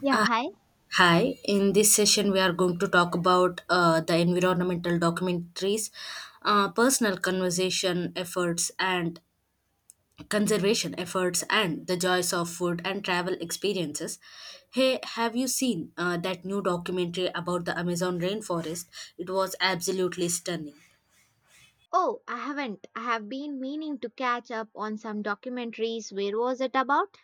Yeah, Uh, hi. hi, in this session, we are going to talk about the environmental documentaries, personal conservation efforts, and the joys of food and travel experiences. Hey, have you seen that new documentary about the Amazon rainforest? It was absolutely stunning. Oh, I haven't. I have been meaning to catch up on some documentaries. Where was it about?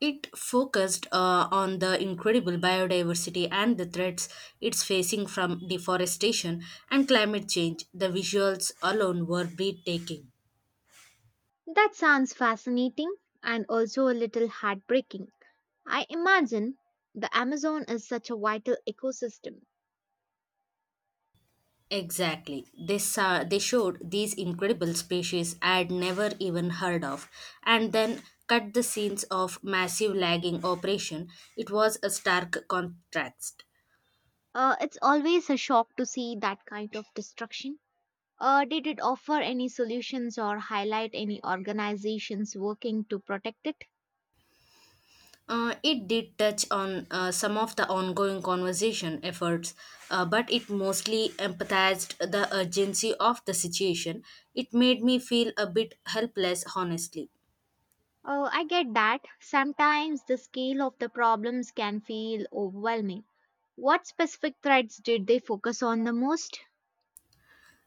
It focused on the incredible biodiversity and the threats it's facing from deforestation and climate change. The visuals alone were breathtaking. That sounds fascinating and also a little heartbreaking. I imagine the Amazon is such a vital ecosystem. Exactly. They showed these incredible species I'd never even heard of, and then cut the scenes of massive lagging operation. It was a stark contrast. It's always a shock to see that kind of destruction. Did it offer any solutions or highlight any organizations working to protect it? It did touch on some of the ongoing conversation efforts, but it mostly empathized the urgency of the situation. It made me feel a bit helpless, honestly. I get that. Sometimes the scale of the problems can feel overwhelming. What specific threats did they focus on the most?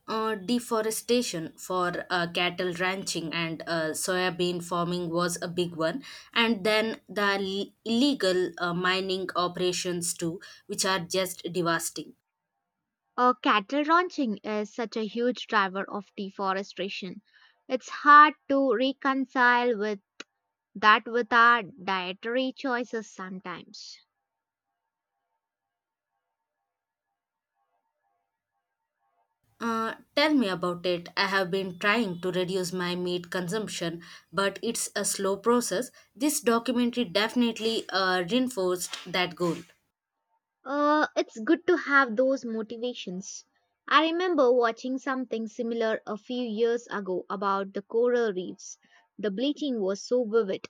Deforestation for cattle ranching and soybean farming was a big one, and then the illegal mining operations too, which are just devastating. Cattle ranching is such a huge driver of deforestation. It's hard to reconcile with that with our dietary choices sometimes. Tell me about it. I have been trying to reduce my meat consumption, but it's a slow process. This documentary definitely reinforced that goal. It's good to have those motivations. I remember watching something similar a few years ago about the coral reefs. The bleaching was so vivid.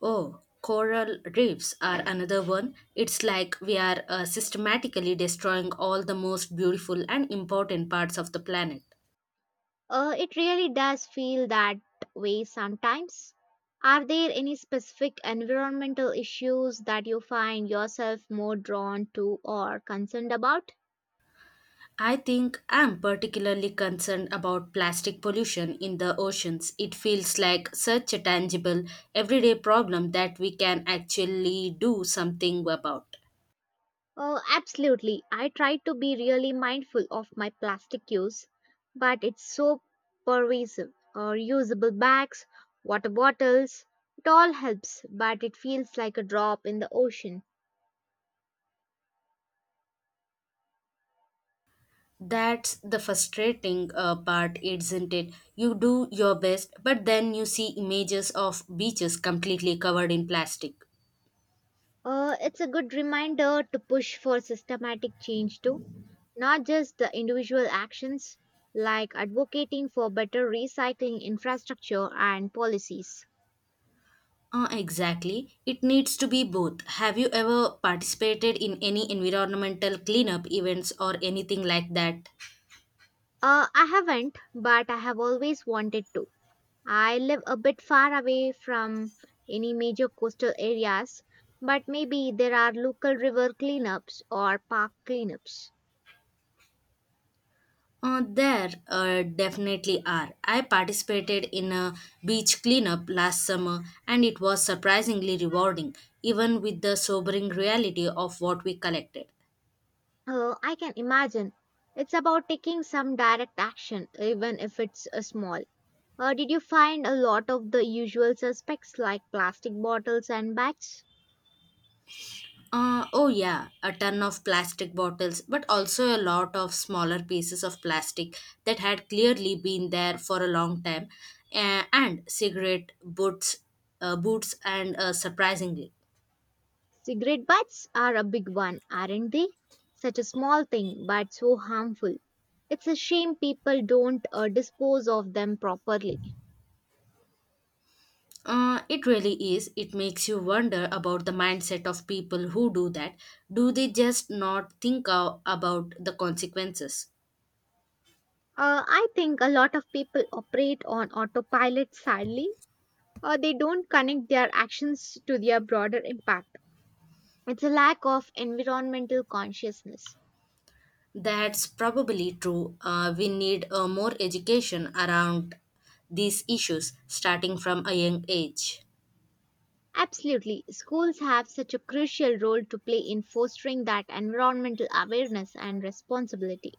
Oh, coral reefs are another one. It's like we are systematically destroying all the most beautiful and important parts of the planet. It really does feel that way sometimes. Are there any specific environmental issues that you find yourself more drawn to or concerned about? I think I'm particularly concerned about plastic pollution in the oceans. It feels like such a tangible, everyday problem that we can actually do something about. Absolutely. I try to be really mindful of my plastic use, but it's so pervasive. Or usable bags, water bottles, it all helps, but it feels like a drop in the ocean. That's the frustrating part, isn't it? You do your best, but then you see images of beaches completely covered in plastic. It's a good reminder to push for systematic change too, not just the individual actions, like advocating for better recycling infrastructure and policies. Exactly. It needs to be both. Have you ever participated in any environmental cleanup events or anything like that? I haven't, but I have always wanted to. I live a bit far away from any major coastal areas, but maybe there are local river cleanups or park cleanups. There definitely are. I participated in a beach cleanup last summer, and it was surprisingly rewarding, even with the sobering reality of what we collected. I can imagine. It's about taking some direct action, even if it's a small. Did you find a lot of the usual suspects like plastic bottles and bags? Oh, yeah, a ton of plastic bottles, but also a lot of smaller pieces of plastic that had clearly been there for a long time, and cigarette butts, boots, and surprisingly. Cigarette butts are a big one, aren't they? Such a small thing, but so harmful. It's a shame people don't dispose of them properly. It really is. It makes you wonder about the mindset of people who do that. Do they just not think about the consequences? I think a lot of people operate on autopilot sadly. They don't connect their actions to their broader impact. It's a lack of environmental consciousness. That's probably true. We need more education around these issues starting from a young age. Absolutely, schools have such a crucial role to play in fostering that environmental awareness and responsibility.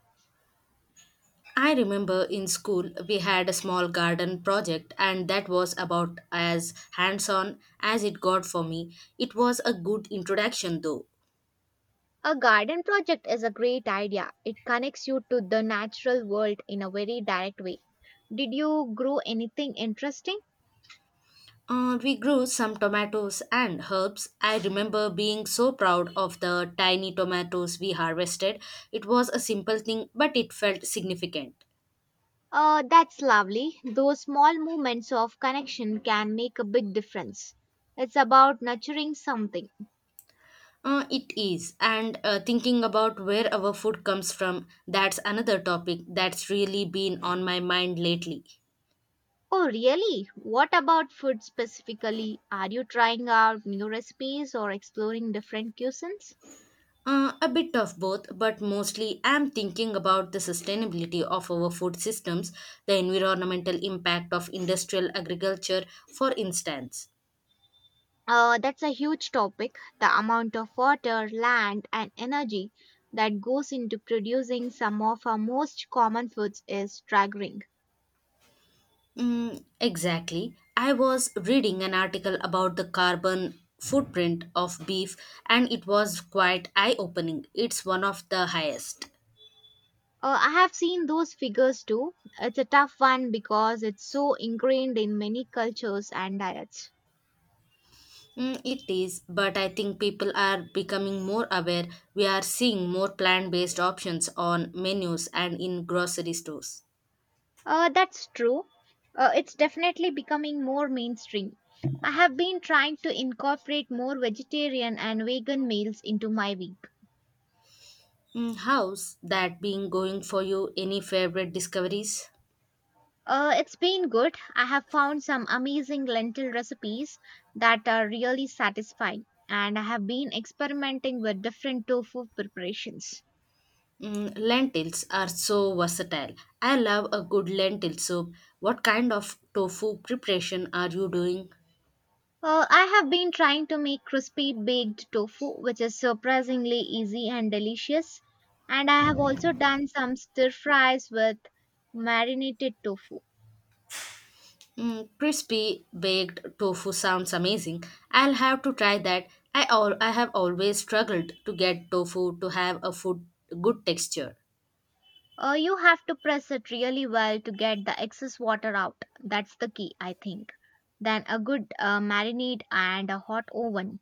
I remember in school we had a small garden project, and that was about as hands on as it got for me. It was a good introduction though. A garden project is a great idea. It connects you to the natural world in a very direct way. Did you grow anything interesting? We grew some tomatoes and herbs. I remember being so proud of the tiny tomatoes we harvested. It was a simple thing, but it felt significant. That's lovely. Those small moments of connection can make a big difference. It's about nurturing something. It is. And thinking about where our food comes from, that's another topic that's really been on my mind lately. Oh, really? What about food specifically? Are you trying out new recipes or exploring different cuisines? A bit of both, but mostly I'm thinking about the sustainability of our food systems, the environmental impact of industrial agriculture, for instance. That's a huge topic. The amount of water, land, and energy that goes into producing some of our most common foods is staggering. Exactly. I was reading an article about the carbon footprint of beef and it was quite eye opening. It's one of the highest. I have seen those figures too. It's a tough one because it's so ingrained in many cultures and diets. It is, but I think people are becoming more aware. We are seeing more plant based options on menus and in grocery stores. That's true. It's definitely becoming more mainstream. I have been trying to incorporate more vegetarian and vegan meals into my week. Mm. How's that been going for you? Any favorite discoveries? It's been good. I have found some amazing lentil recipes that are really satisfying, and I have been experimenting with different tofu preparations. Mm. Lentils are so versatile. I love a good lentil soup. What kind of tofu preparation are you doing? I have been trying to make crispy baked tofu, which is surprisingly easy and delicious. And I have also done some stir fries with marinated tofu. Mm. Crispy baked tofu sounds amazing. I'll have to try that. I have always struggled to get tofu to have a food good texture. You have to press it really well to get the excess water out. That's the key, I think. Then a good marinade and a hot oven.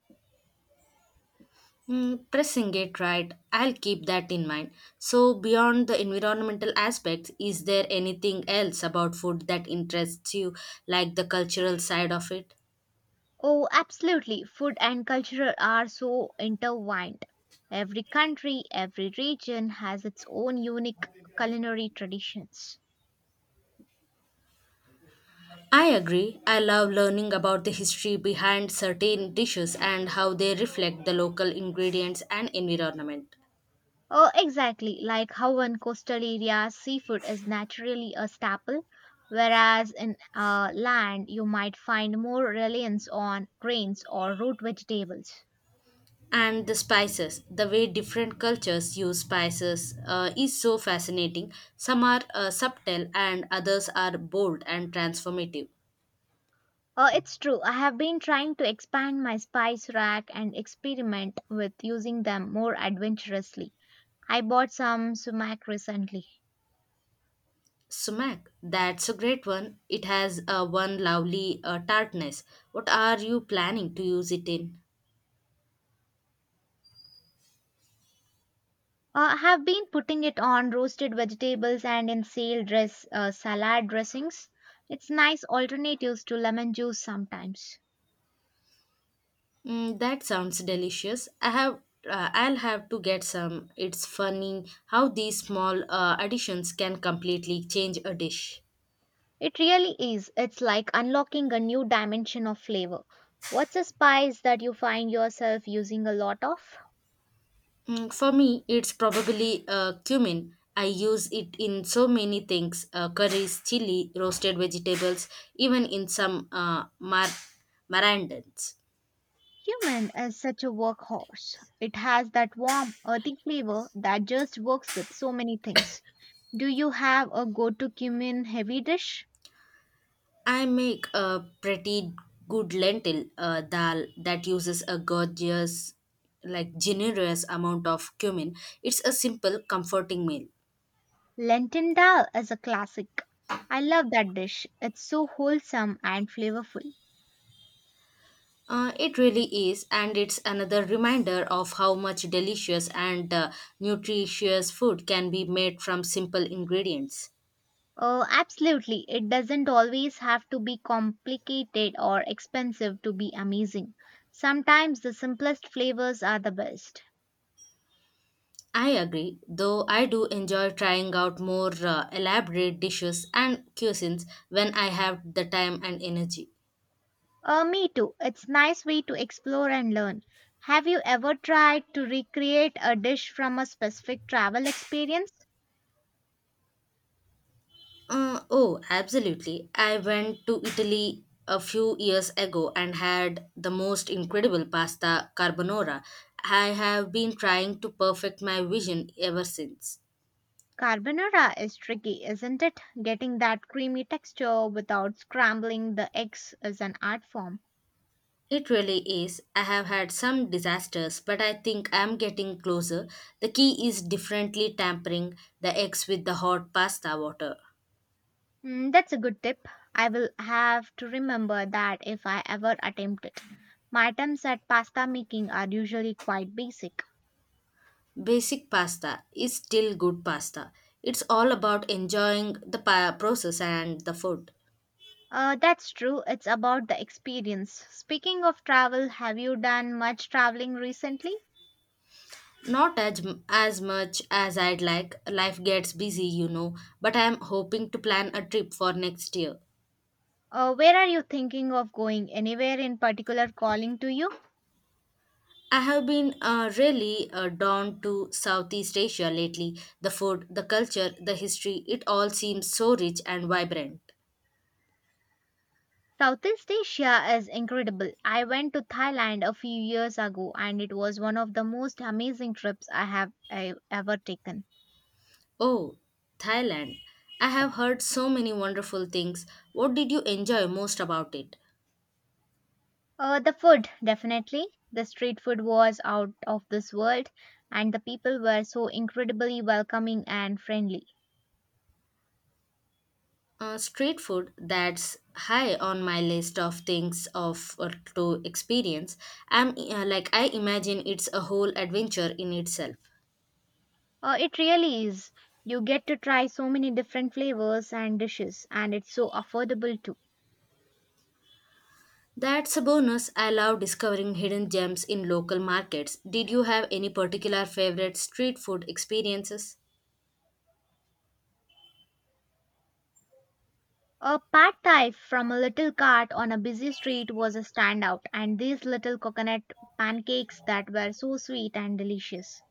Mm. Pressing it right, I'll keep that in mind. So, beyond the environmental aspects, is there anything else about food that interests you, like the cultural side of it? Oh, absolutely. Food and culture are so intertwined. Every country, every region has its own unique culinary traditions. I agree. I love learning about the history behind certain dishes and how they reflect the local ingredients and environment. Oh, exactly. Like how in coastal areas, seafood is naturally a staple, whereas in land, you might find more reliance on grains or root vegetables. And the spices, the way different cultures use spices is so fascinating. Some are subtle and others are bold and transformative. Oh, it's true. I have been trying to expand my spice rack and experiment with using them more adventurously. I bought some sumac recently. Sumac, that's a great one. It has one lovely tartness. What are you planning to use it in? I have been putting it on roasted vegetables and in sale dress salad dressings. It's nice alternatives to lemon juice sometimes. That sounds delicious. I'll have to get some. It's funny how these small additions can completely change a dish. It really is. It's like unlocking a new dimension of flavor. What's a spice that you find yourself using a lot of? For me, it's probably cumin. I use it in so many things, curries, chili, roasted vegetables, even in some marandans. Cumin is such a workhorse. It has that warm, earthy flavor that just works with so many things. Do you have a go to cumin heavy dish? I make a pretty good lentil dal that uses a gorgeous, like generous amount of cumin. It's a simple, comforting meal. Lentil dal is a classic. I love that dish. It's so wholesome and flavorful. It really is, and it's another reminder of how much delicious and nutritious food can be made from simple ingredients. Oh, absolutely. It doesn't always have to be complicated or expensive to be amazing. Sometimes the simplest flavors are the best. I agree, though I do enjoy trying out more elaborate dishes and cuisines when I have the time and energy. Oh, me too. It's nice way to explore and learn. Have you ever tried to recreate a dish from a specific travel experience? Oh, absolutely. I went to Italy a few years ago and had the most incredible pasta carbonara. I have been trying to perfect my vision ever since. Carbonara is tricky, isn't it? Getting that creamy texture without scrambling the eggs is an art form. It really is. I have had some disasters, but I think I'm getting closer. The key is differently tampering the eggs with the hot pasta water. Mm, that's a good tip. I will have to remember that if I ever attempt it. My attempts at pasta making are usually quite basic. Basic pasta is still good pasta. It's all about enjoying the process and the food. That's true, it's about the experience. Speaking of travel, have you done much traveling recently? Not as much as I'd like. Life gets busy, you know, but I'm hoping to plan a trip for next year. Where are you thinking of going? Anywhere in particular calling to you? I have been really drawn to Southeast Asia lately. The food, the culture, the history, it all seems so rich and vibrant. Southeast Asia is incredible. I went to Thailand a few years ago and it was one of the most amazing trips I ever taken. Oh, Thailand. I have heard so many wonderful things. What did you enjoy most about it? The food, definitely. The street food was out of this world and the people were so incredibly welcoming and friendly. Street food, that's high on my list of things of or to experience. I'm Like I imagine it's a whole adventure in itself. It really is. You get to try so many different flavors and dishes and it's so affordable too. That's a bonus. I love discovering hidden gems in local markets. Did you have any particular favorite street food experiences? A pad thai from a little cart on a busy street was a standout, and these little coconut pancakes that were so sweet and delicious.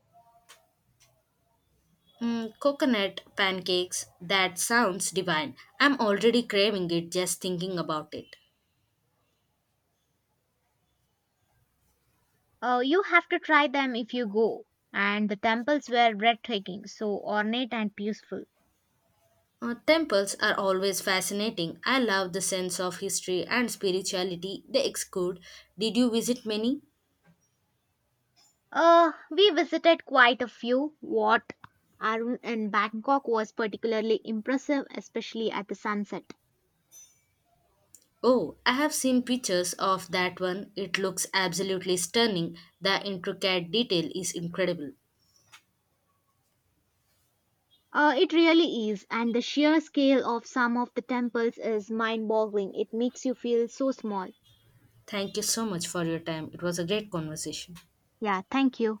Coconut pancakes. That sounds divine. I'm already craving it just thinking about it. You have to try them if you go. And the temples were breathtaking, so ornate and peaceful. Temples are always fascinating. I love the sense of history and spirituality they exclude. Did you visit many? We visited quite a few. What Arun in Bangkok was particularly impressive, especially at the sunset. Oh, I have seen pictures of that one. It looks absolutely stunning. The intricate detail is incredible. It really is, and the sheer scale of some of the temples is mind boggling. It makes you feel so small. Thank you so much for your time. It was a great conversation. Yeah, thank you.